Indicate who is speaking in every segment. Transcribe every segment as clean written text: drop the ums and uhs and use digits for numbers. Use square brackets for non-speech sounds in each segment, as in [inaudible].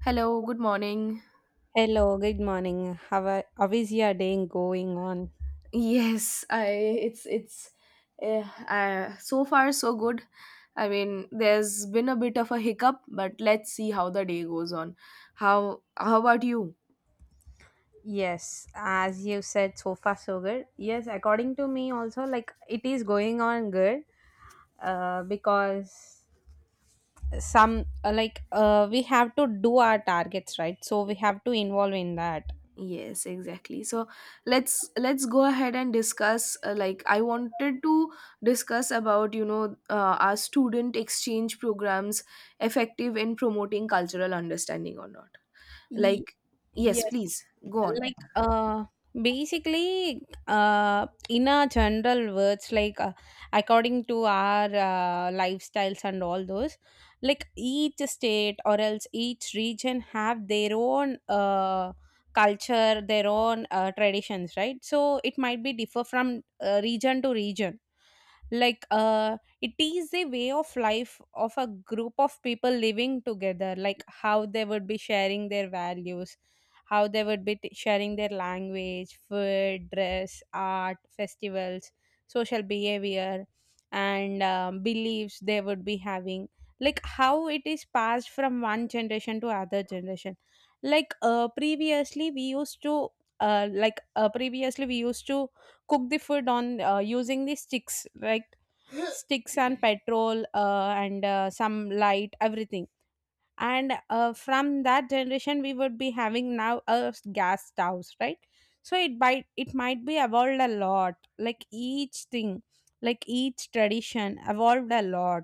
Speaker 1: Hello, good morning.
Speaker 2: Hello, good morning. How is your day going on?
Speaker 1: [laughs] Yes, I it's uh, so far so good. I mean, there's been a bit of a hiccup, but let's see how the day goes on. How about you?
Speaker 2: Yes, as you said, so far so good. Yes, according to me, also, like it is going on good, because some, like, we have to do our targets, right? So we have to involve in that.
Speaker 1: Yes, exactly. So, let's go ahead and discuss, like I wanted to discuss about our student exchange programs effective in promoting cultural understanding or not.
Speaker 2: Ye-
Speaker 1: Like, yes,
Speaker 2: yes,
Speaker 1: please go on.
Speaker 2: like, basically, in a general words, like, according to our, lifestyles and all those, like each state or else each region have their own, culture, their own, traditions, right? So it might be differ from, region to region. Like, it is a way of life of a group of people living together, like how they would be sharing their values, how they would be sharing their language, food, dress, art, festivals, social behavior, and, beliefs they would be having, like how it is passed from one generation to other generation. Like, previously we used to, uh, like uh, previously we used to cook the food on, using the sticks, like sticks and petrol, and, some light everything. And, from that generation we would be having now a, gas stoves, right? So it might be evolved a lot, like each thing, like each tradition evolved a lot.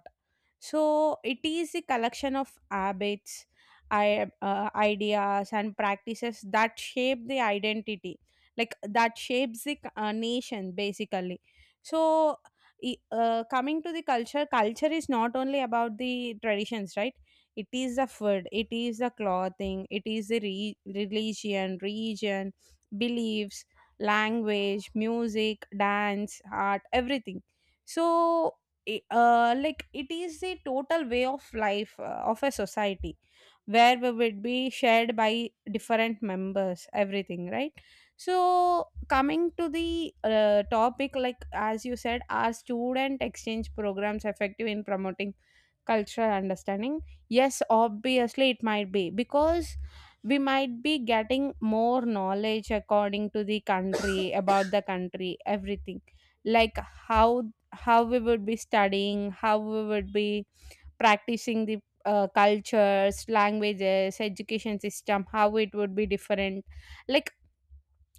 Speaker 2: So it is a collection of habits, ideas and practices that shape the identity, like that shapes the, nation basically. So, coming to the culture, culture is not only about the traditions, right? It is the food, it is the clothing, it is the religion, region, beliefs, language, music, dance, art, everything. So, like it is the total way of life, of a society, where we would be shared by different members everything, right? So coming to the, topic, like as you said, are student exchange programs effective in promoting cultural understanding? Yes, obviously it might be, because we might be getting more knowledge according to the country, [coughs] about the country everything, like how how we would be studying, how we would be practicing the, cultures, languages, education system, how it would be different. Like,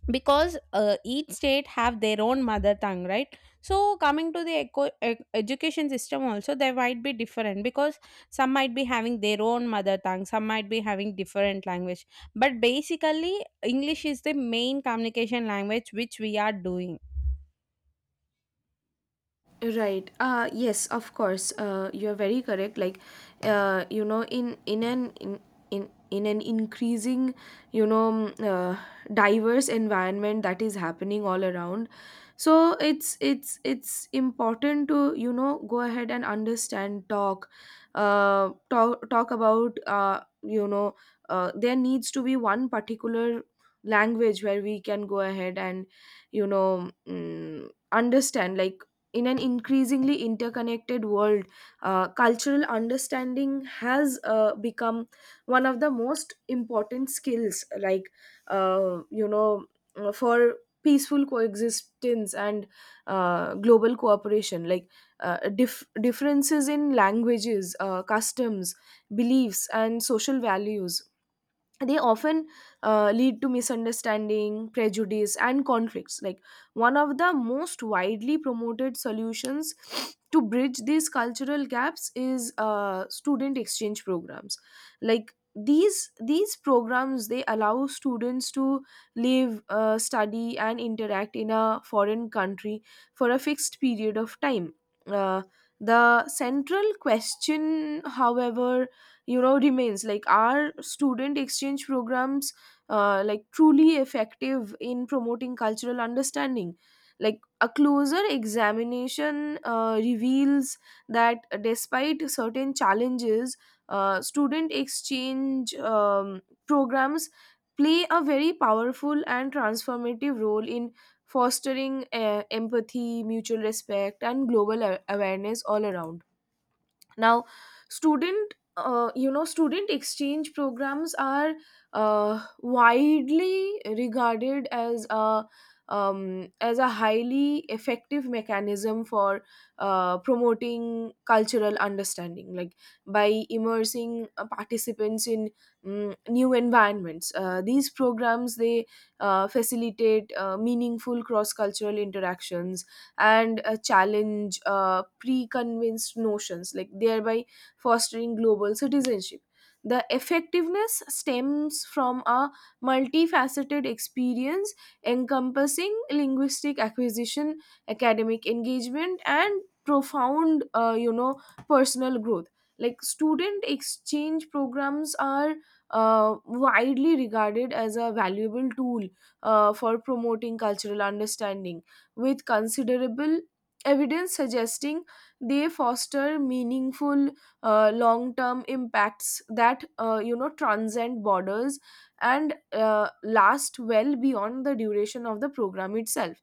Speaker 2: because, each state have their own mother tongue, right? So coming to the education system also, they might be different, because some might be having their own mother tongue, some might be having different language. But basically, English is the main communication language which we are doing.
Speaker 1: Right. Yes, of course. You're very correct. Like, uh you know in in an in in an increasing, you know, mm, uh, diverse environment that is happening all around. So it's important to go ahead and understand, talk about, there needs to be one particular language where we can go ahead and understand, like in an increasingly interconnected world, cultural understanding has, become one of the most important skills, like, uh, you know, for peaceful coexistence and, global cooperation. Like, differences in languages, customs, beliefs, and social values, they often, lead to misunderstanding, prejudice, and conflicts. Like, one of the most widely promoted solutions to bridge these cultural gaps is, student exchange programs. Like, these programs, they allow students to live, study, and interact in a foreign country for a fixed period of time. Uh, the central question, however, remains, like, are student exchange programs, like truly effective in promoting cultural understanding? Like, a closer examination, reveals that, despite certain challenges, student exchange, programs play a very powerful and transformative role in fostering, empathy, mutual respect, and global, awareness all around. Now, student you know student exchange programs are, widely regarded as a highly effective mechanism for, promoting cultural understanding. Like, by immersing, participants in, new environments, these programs, they, facilitate, meaningful cross cultural interactions, and, challenge, pre-convinced notions, like thereby fostering global citizenship. The effectiveness stems from a multifaceted experience, encompassing linguistic acquisition, academic engagement, and profound, personal growth. Like, student exchange programs are, widely regarded as a valuable tool, for promoting cultural understanding, with considerable evidence suggesting they foster meaningful, long-term impacts that, transcend borders and, last well beyond the duration of the program itself.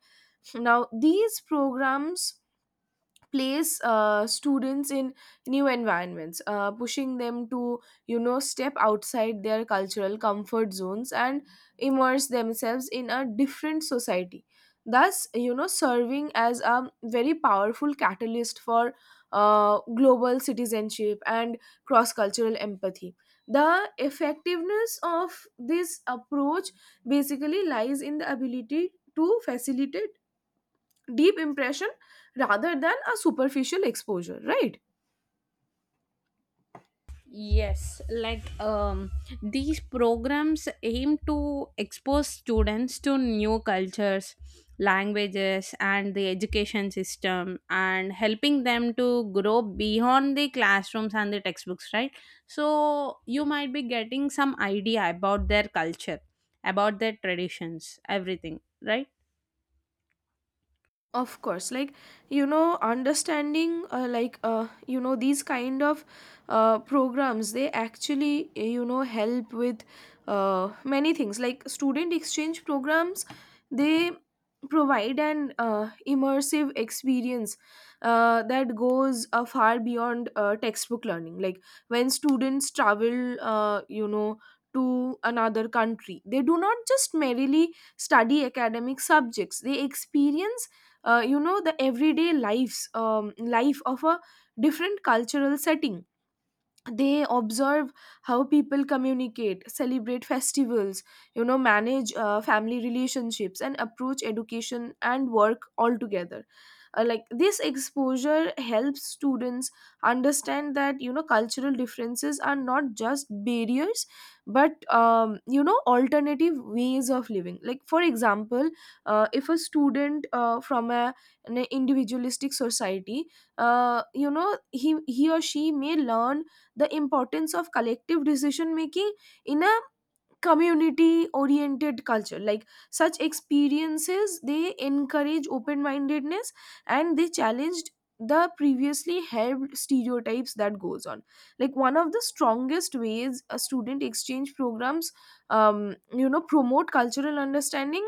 Speaker 1: Now, these programs place, students in new environments, pushing them to, step outside their cultural comfort zones and immerse themselves in a different society, thus, serving as a very powerful catalyst for, global citizenship and cross cultural empathy. The effectiveness of this approach basically lies in the ability to facilitate deep impression rather than a superficial exposure, right?
Speaker 2: Yes, like, these programs aim to expose students to new cultures, languages, and the education system, and helping them to grow beyond the classrooms and the textbooks, right? So, you might be getting some idea about their culture, about their traditions, everything, right?
Speaker 1: Of course, like, understanding, like, these kind of, programs, they actually, help with, many things. Like, student exchange programs, they provide an, immersive experience, that goes, far beyond, textbook learning. Like, when students travel, to another country, they do not just merely study academic subjects, they experience, the everyday lives life of a different cultural setting. They observe how people communicate, celebrate festivals, manage, family relationships, and approach education and work altogether. Like, this exposure helps students understand that, cultural differences are not just barriers, but, alternative ways of living. Like, for example, if a student, from an individualistic society, uh, you know he or she may learn the importance of collective decision making in a community oriented culture. Like, such experiences, they encourage open mindedness, and they challenged the previously held stereotypes that goes on. Like, one of the strongest ways a student exchange programs, promote cultural understanding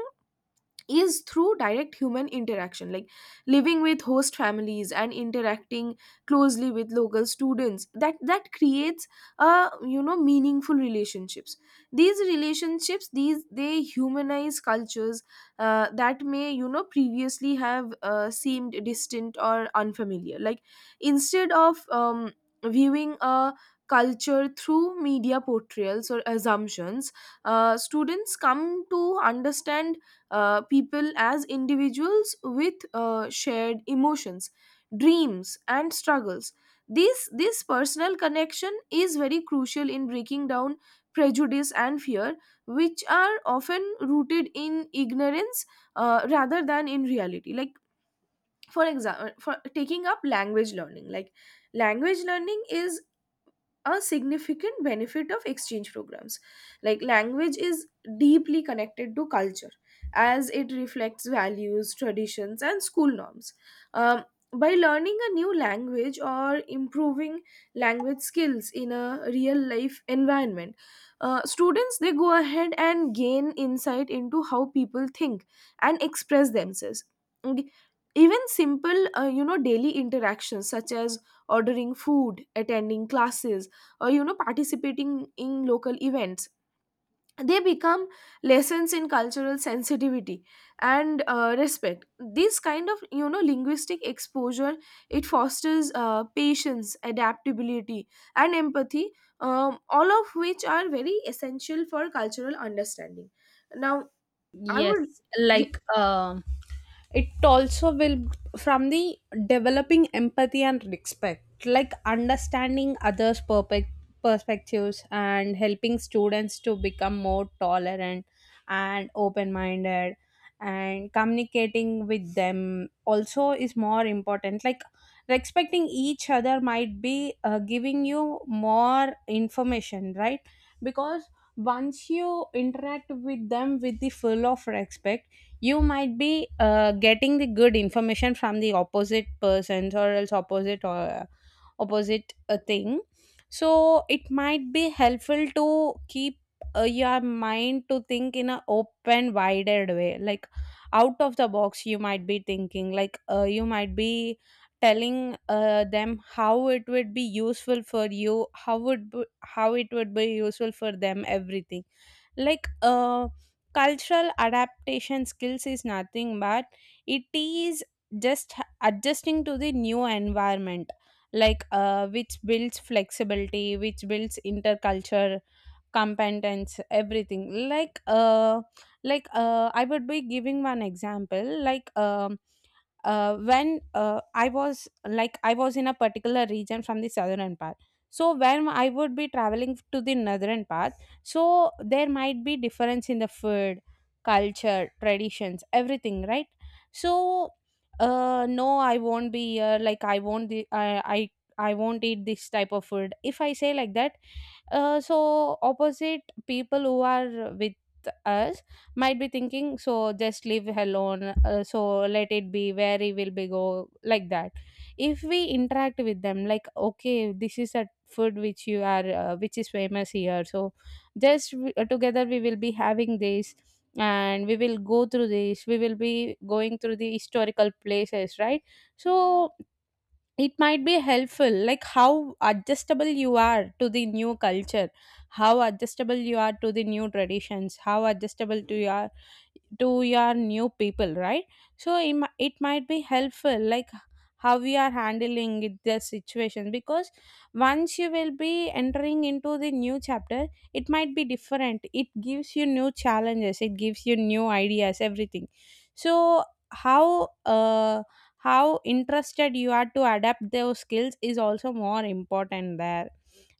Speaker 1: is through direct human interaction. Like, living with host families and interacting closely with local students, that creates, a you know, meaningful relationships. These relationships these, they humanize cultures, that may, previously have, seemed distant or unfamiliar. Like, instead of, viewing a culture through media portrayals or assumptions, students come to understand, people as individuals with, shared emotions, dreams, and struggles. This personal connection is very crucial in breaking down prejudice and fear, which are often rooted in ignorance, rather than in reality. Like, for example, for taking up language learning, like language learning is a significant benefit of exchange programs. Like, language is deeply connected to culture, as it reflects values, traditions, and school norms. Um, by learning a new language or improving language skills in a real life environment, students, they go ahead and gain insight into how people think and express themselves. And even simple, daily interactions such as ordering food, attending classes, participating in local events, they become lessons in cultural sensitivity and, respect. This kind of, linguistic exposure, it fosters, patience, adaptability, and empathy, all of which are very essential for cultural understanding. Now, I would.
Speaker 2: Yes, like, it also will, from the developing empathy and respect, like understanding others' perfect perspectives, and helping students to become more tolerant and open-minded. And communicating with them also is more important. Like, respecting each other might be, giving you more information, right? Because once you interact with them with the full of respect, you might be, getting the good information from the opposite persons, or else opposite, or opposite a thing. So it might be helpful to keep, your mind to think in a open wider way, like out of the box you might be thinking, like, you might be telling, them how it would be useful for you, how would how it would be useful for them everything. Like, cultural adaptation skills is nothing but, it is just adjusting to the new environment, like, which builds flexibility, which builds interculture competence everything. Like, I would be giving one example. Like, when, I was, like I was in a particular region from the southern part. So when I would be traveling to the northern part, so there might be difference in the food, culture, traditions, everything, right? So, no, I won't be here. Like, I won't, the I, I won't eat this type of food. If I say like that, so opposite people who are with us might be thinking, so just leave alone, so let it be, where he will be go, like that. If we interact with them, like, okay, this is a food which you are, which is famous here, so just together we will be having this, and we will go through this, we will be going through the historical places, right? So it might be helpful, like how adjustable you are to the new culture, how adjustable you are to the new traditions, how adjustable to your, to your new people, right? So, it, it might be helpful, like how we are handling it, the situation, because once you will be entering into the new chapter, it might be different, it gives you new challenges, it gives you new ideas everything. So, how, how interested you are to adapt those skills is also more important there.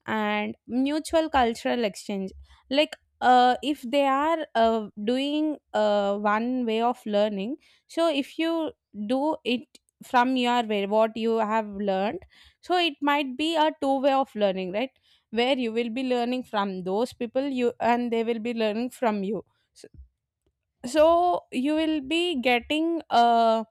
Speaker 2: And mutual cultural exchange, like, if they are, doing, one way of learning, so if you do it from your way, what you have learned, so it might be a two way of learning, right? Where you will be learning from those people, you, and they will be learning from you. So you will be getting, uh,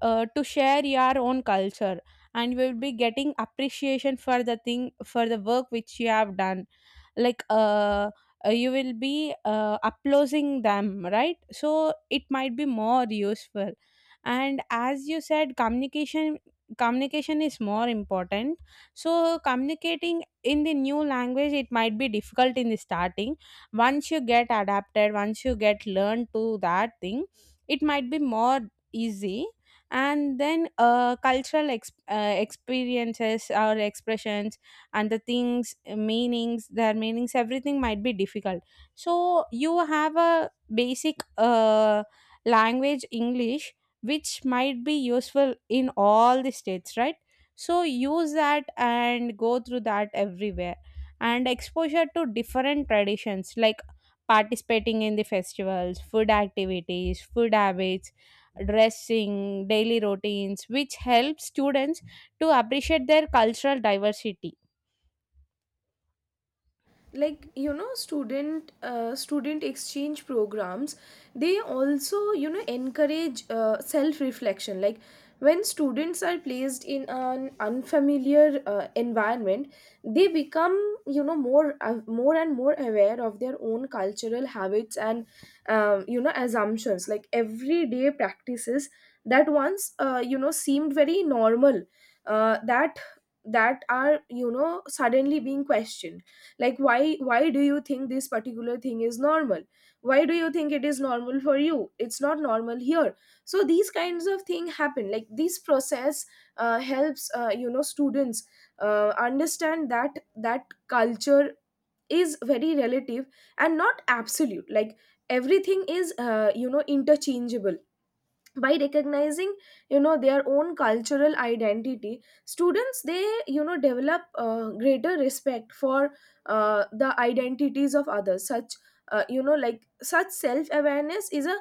Speaker 2: uh, to share your own culture, and you will be getting appreciation for the thing, for the work which you have done. Like, you will be, uploading them, right? So it might be more useful. And as you said, communication is more important. So, communicating in the new language, it might be difficult in the starting. Once you get adapted, once you get learned to that thing, it might be more easy. And then, cultural experiences or expressions, and the things, meanings, their meanings everything might be difficult. So you have a basic, language, English, which might be useful in all the states, right? So use that and go through that everywhere. And exposure to different traditions, like participating in the festivals, food activities, food habits, dressing, daily routines, which helps students to appreciate their cultural diversity.
Speaker 1: Like, student exchange programs, they also, encourage, self reflection. Like, when students are placed in an unfamiliar, environment, they become, more and more aware of their own cultural habits and, assumptions. Like, everyday practices that once, seemed very normal, uh, that that are, suddenly being questioned. Like, why do you think this particular thing is normal? Why do you think it is normal for you? It's not normal here. So these kinds of thing happen. Like, this process, helps, students, understand that, that culture is very relative and not absolute. Like, everything is, interchangeable. By recognizing, their own cultural identity, students, they, develop, greater respect for, the identities of others. Such, like such self awareness is a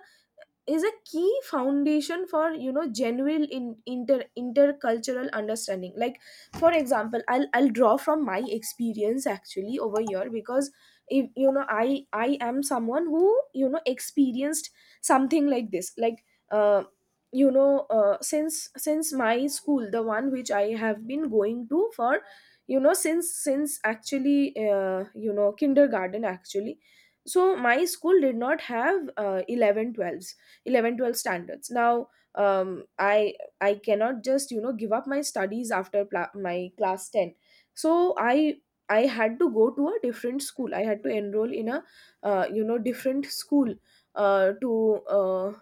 Speaker 1: is a key foundation for, genuine, in, inter intercultural understanding. Like, for example, I'll draw from my experience actually over here. Because if, I am someone who, experienced something like this, like, since my school, the one which I have been going to for, since actually, kindergarten, actually. So my school did not have, 11 12, 11, 12 standards now. um, i I cannot just, give up my studies after, my class 10. So I had to go to a different school. I had to enroll in a, different school, uh, to uh,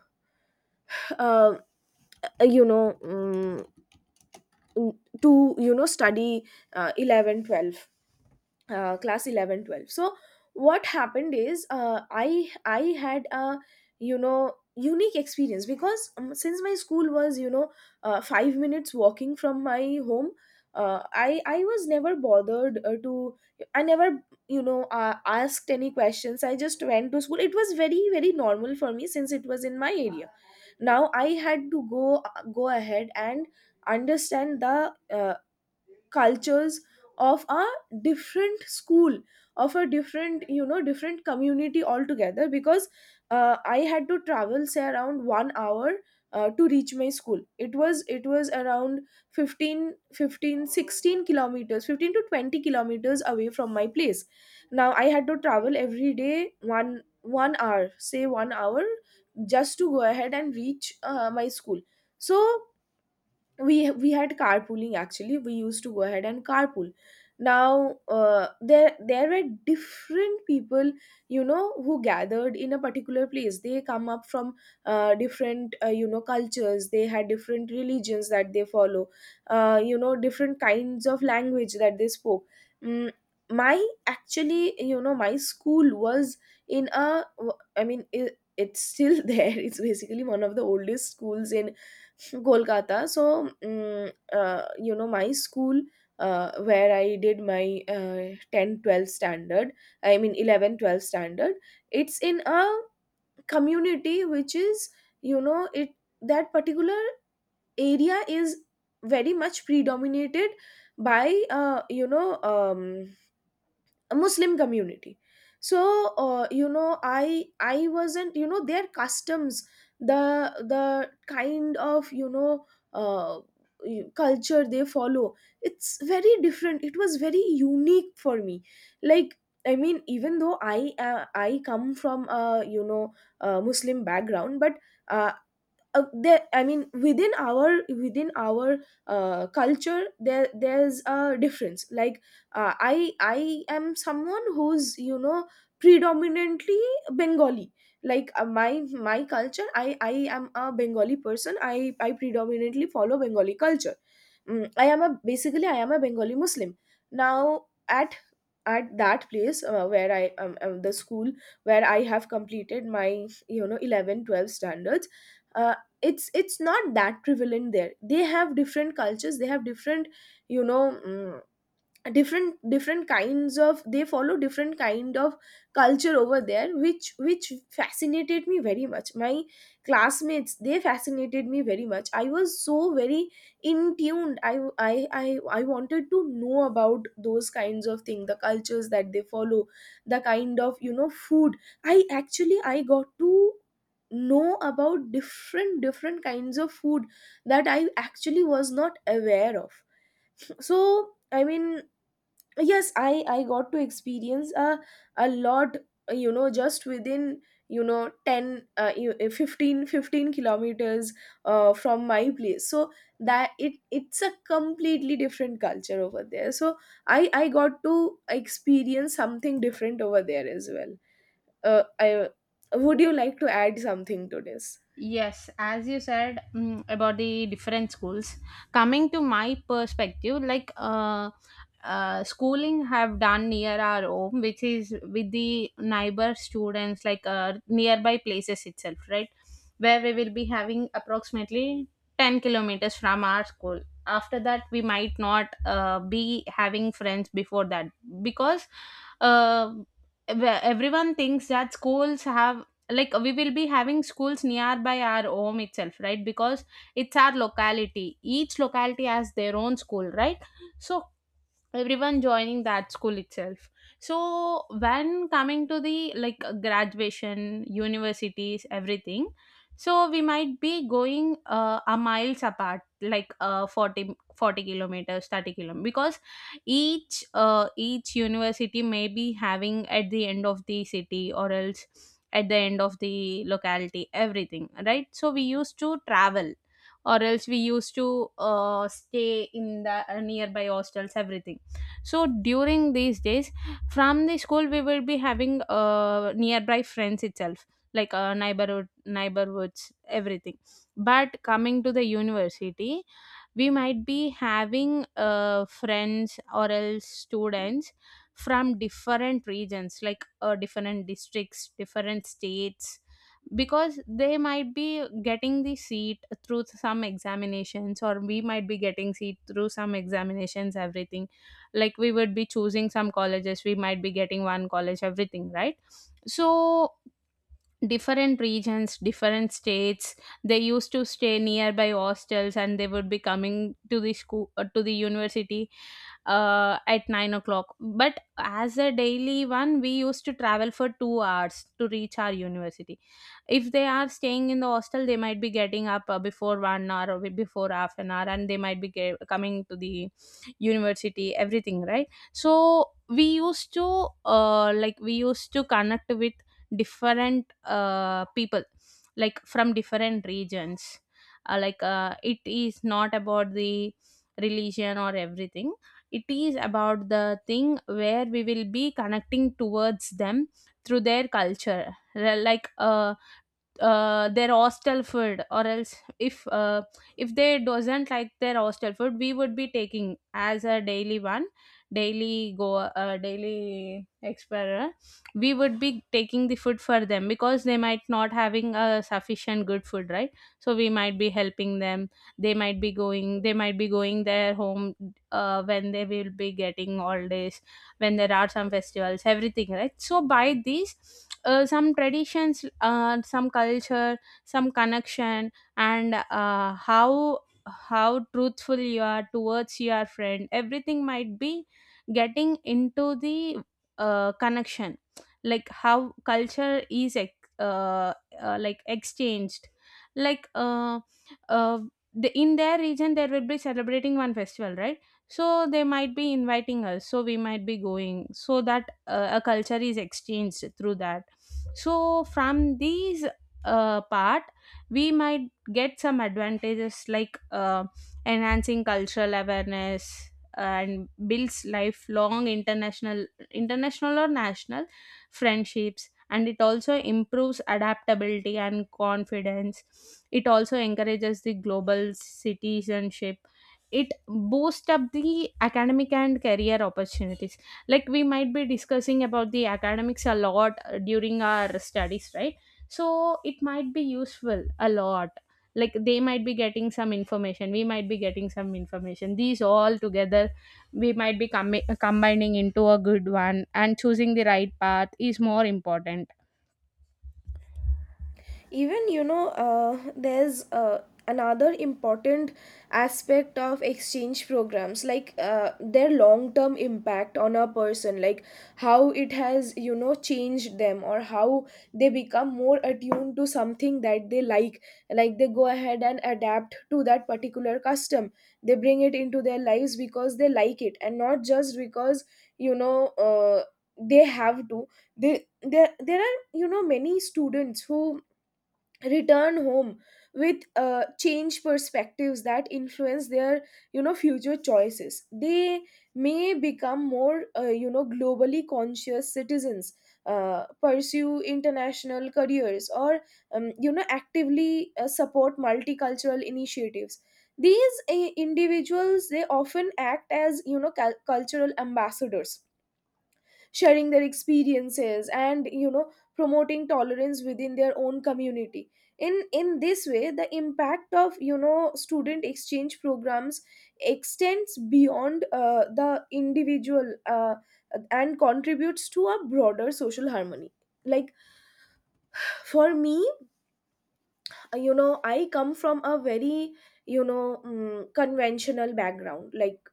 Speaker 1: uh, you know um, to study, 11 12. Class 11, 12. So what happened is, I had a, unique experience. Because, since my school was, 5 minutes walking from my home, I was never bothered, to I never, asked any questions. I just went to school. It was very, very normal for me since it was in my area. Now I had to go, go ahead and understand the, cultures of a different school, of a different, different community altogether. Because, I had to travel, say, around 1 hour, to reach my school. It was around 15, 15-16 kilometers 15 to 20 kilometers away from my place. Now I had to travel every day, 1 1 hour, say 1 hour, just to go ahead and reach, my school. So we had carpooling actually. We used to go ahead and carpool. Now, there were different people, who gathered in a particular place. They come up from, different, cultures. They had different religions that they follow, different kinds of language that they spoke. mm, my actually you know my school was in a, I mean, it's still [laughs] there. It's basically one of the oldest schools in Kolkata. So, my school where I did my 10 12 standard, I mean 11, 12 standard, it's in a community which is, it that particular area is very much predominated by a Muslim community. So, I wasn't, their customs, the the kind of uh, culture they follow, it's very different. It was very unique for me. Like, I mean, even though I come from a you know a Muslim background, but uh, there I mean, within our culture, there's a difference. Like, I am someone who's predominantly Bengali. Like, my culture, I am a Bengali person. I predominantly follow Bengali culture. Mm, I am a basically I am a Bengali Muslim. Now, at that place, where I the school where I have completed my eleven twelve 12 standards, uh, it's not that prevalent there. They have different cultures. They have different, you know mm, different kinds of — they follow different kind of culture over there, which fascinated me very much. My classmates, they fascinated me very much. I was so very in tuned. I wanted to know about those kinds of things, the cultures that they follow, the kind of food. I actually i got to know about different kinds of food that I actually was not aware of. So, I mean, yes, I got to experience a lot, just within, 10 15 fifteen kilometers from my place. So that, it's a completely different culture over there. So I got to experience something different over there as well. I Would you like to add something to this?
Speaker 2: Yes, as you said, about the different schools, coming to my perspective, like, schooling have done near our home, which is with the neighbor students, like, nearby places itself, right? Where we will be having approximately 10 kilometers from our school. After that, we might not, be having friends before that, because, uh, where everyone thinks that schools have, like we will be having schools nearby our home itself, right? Because, it's our locality, each locality has their own school, right? So, everyone joining that school itself. So when coming to the, like, graduation, universities everything, so we might be going, a miles apart, like, forty kilometers, 30 kilometers, because each, each university may be having at the end of the city, or else at the end of the locality everything, right? So we used to travel, or else we used to, stay in the, nearby hostels everything. So during these days, from the school we will be having, nearby friends itself, like, neighborhoods everything. But coming to the university, we might be having, friends or else students from different regions, like, different districts, different states, because they might be getting the seat through some examinations, or we might be getting seat through some examinations everything. Like, we would be choosing some colleges, we might be getting one college everything, right? So, different regions, different states, they used to stay nearby hostels, and they would be coming to the school, to the university, at 9 o'clock, but as a daily one, we used to travel for 2 hours to reach our university. If they are staying in the hostel, they might be getting up, before 1 hour, or before half an hour, and they might be coming to the university everything, right? So we used to, like we used to connect with different, people, like from different regions. It is not about the religion or everything, it is about the thing where we will be connecting towards them through their culture. Like, their hostel food, or else if, if they doesn't like their hostel food, we would be taking as a daily one, daily go, daily explorer, we would be taking the food for them because they might not having a sufficient good food, right? So we might be helping them. They might be going their home, when they will be getting all this, when there are some festivals everything, right? So by these, some traditions, some culture, some connection, and, how truthful you are towards your friend everything might be getting into the, connection. Like how culture is, uh, like exchanged, like, uh, the, in their region there will be celebrating one festival, right? So they might be inviting us, so we might be going, so that, a culture is exchanged through that. So from these, part, we might get some advantages, like, enhancing cultural awareness, and builds lifelong international or national friendships. And it also improves adaptability and confidence. It also encourages the global citizenship. It boosts up the academic and career opportunities, like we might be discussing about the academics a lot, during our studies, right? So it might be useful a lot, like they might be getting some information, we might be getting some information, these all together we might be combining into a good one, and choosing the right path is more important.
Speaker 1: Even, there's another important aspect of exchange programs, like their long term impact on a person, like how it has changed them, or how they become more attuned to something that they like. Like, they go ahead and adapt to that particular custom. They bring it into their lives because they like it, and not just because you know uh, they have to. They There are many students who return home with change perspectives that influence their future choices. They may become more globally conscious citizens, pursue international careers, or actively support multicultural initiatives. These individuals, they often act as cultural ambassadors, sharing their experiences and promoting tolerance within their own community. In this way, the impact of student exchange programs extends beyond the individual and contributes to a broader social harmony. Like, for me, I come from a very conventional background. Like,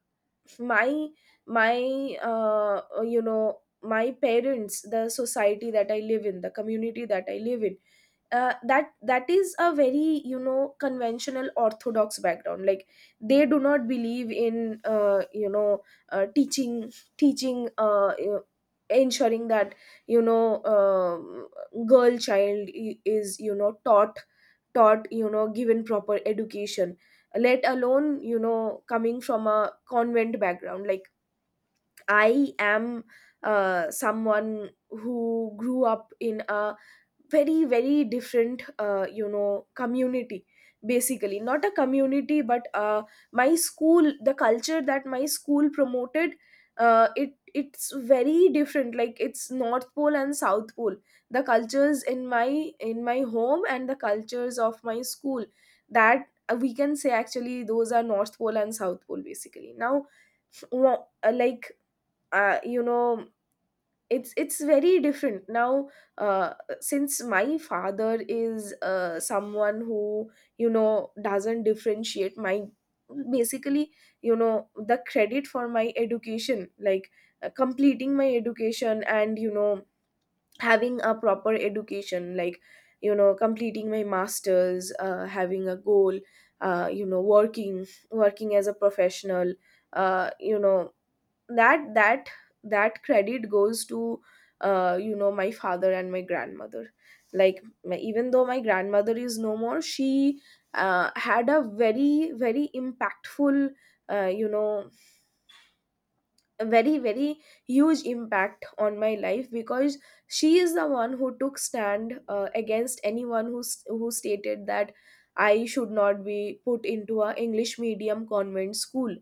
Speaker 1: my my you know my parents, the society that I live in, the community that I live in, that is a very conventional orthodox background. Like, they do not believe in teaching teaching ensuring that you know um girl child is taught taught you know given proper education, let alone coming from a convent background. Like, I am someone who grew up in a very, very different community. Basically, not a community, but my school, the culture that my school promoted, it's very different. Like, it's North Pole and South Pole. The cultures in my home and the cultures of my school, that we can say, actually those are North Pole and South Pole basically. Now, like, uh, you know it's very different now. uh, since my father is someone who doesn't differentiate, my basically, the credit for my education, like completing my education and having a proper education, like completing my masters, having a goal, working as a professional, uh, you know that that that credit goes to my father and my grandmother. Like, even though my grandmother is no more, she had a very, very impactful, uh, you know a very, very huge impact on my life, because she is the one who took stand against anyone who who stated that I should not be put into a English medium convent school,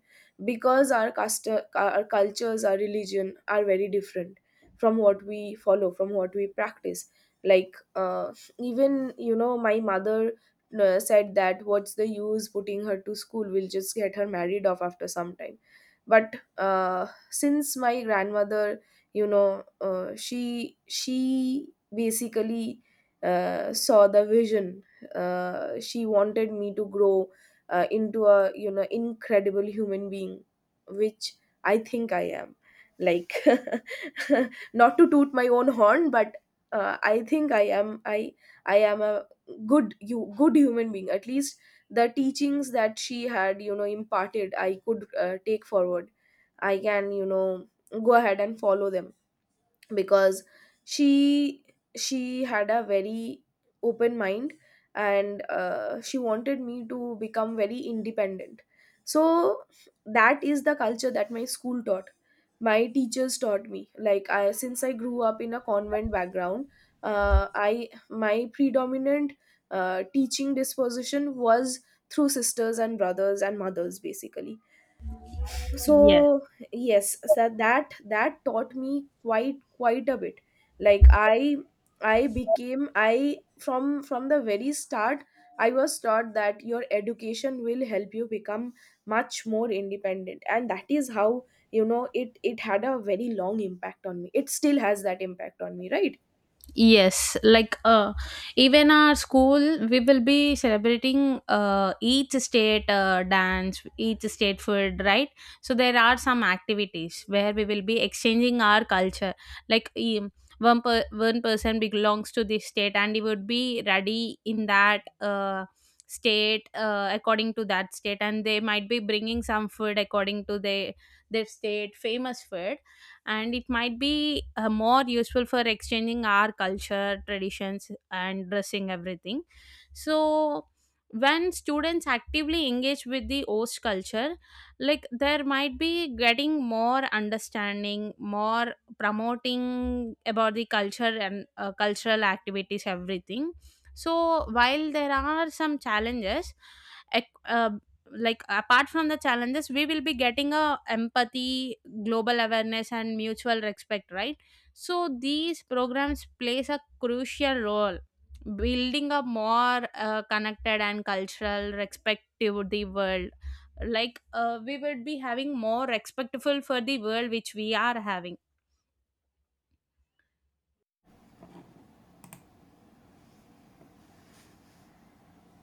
Speaker 1: because our cultures, our religion are very different from what we follow, from what we practice. Like, uh, even my mother said that, what's the use putting her to school? We'll just get her married off after some time. But since my grandmother, she basically saw the vision. She wanted me to grow into a incredible human being, which I think I am. Like, [laughs] not to toot my own horn, but I think I am, I am a good you good human being, at least. The teachings that she had imparted, I could take forward. I can, go ahead and follow them, because she she had a very open mind, and she wanted me to become very independent. So that is the culture that my school taught. My teachers taught me. Like, I since I grew up in a convent background, I my predominant teaching disposition was through sisters and brothers and mothers, basically. So
Speaker 2: Yes.
Speaker 1: yes, so that taught me quite a bit. Like, I became — I from the very start, I was taught that your education will help you become much more independent, and that is how, it had a very long impact on me. It still has that impact on me, right?
Speaker 2: Yes, like, even our school, we will be celebrating, each state, dance, each state food, right? So there are some activities where we will be exchanging our culture. Like, one person belongs to this state, and he would be ready in that, state, according to that state, and they might be bringing some food according to their state famous food. And it might be, more useful for exchanging our culture, traditions, and dressing everything. So when students actively engage with the host culture, like, there might be getting more understanding, more promoting about the culture and, cultural activities everything. So while there are some challenges, ec- uh, like apart from the challenges, we will be getting a empathy, global awareness and mutual respect, right? So these programs plays a crucial role, building a more, connected and cultural respective the world, like, we would be having more respectful for the world which we are having.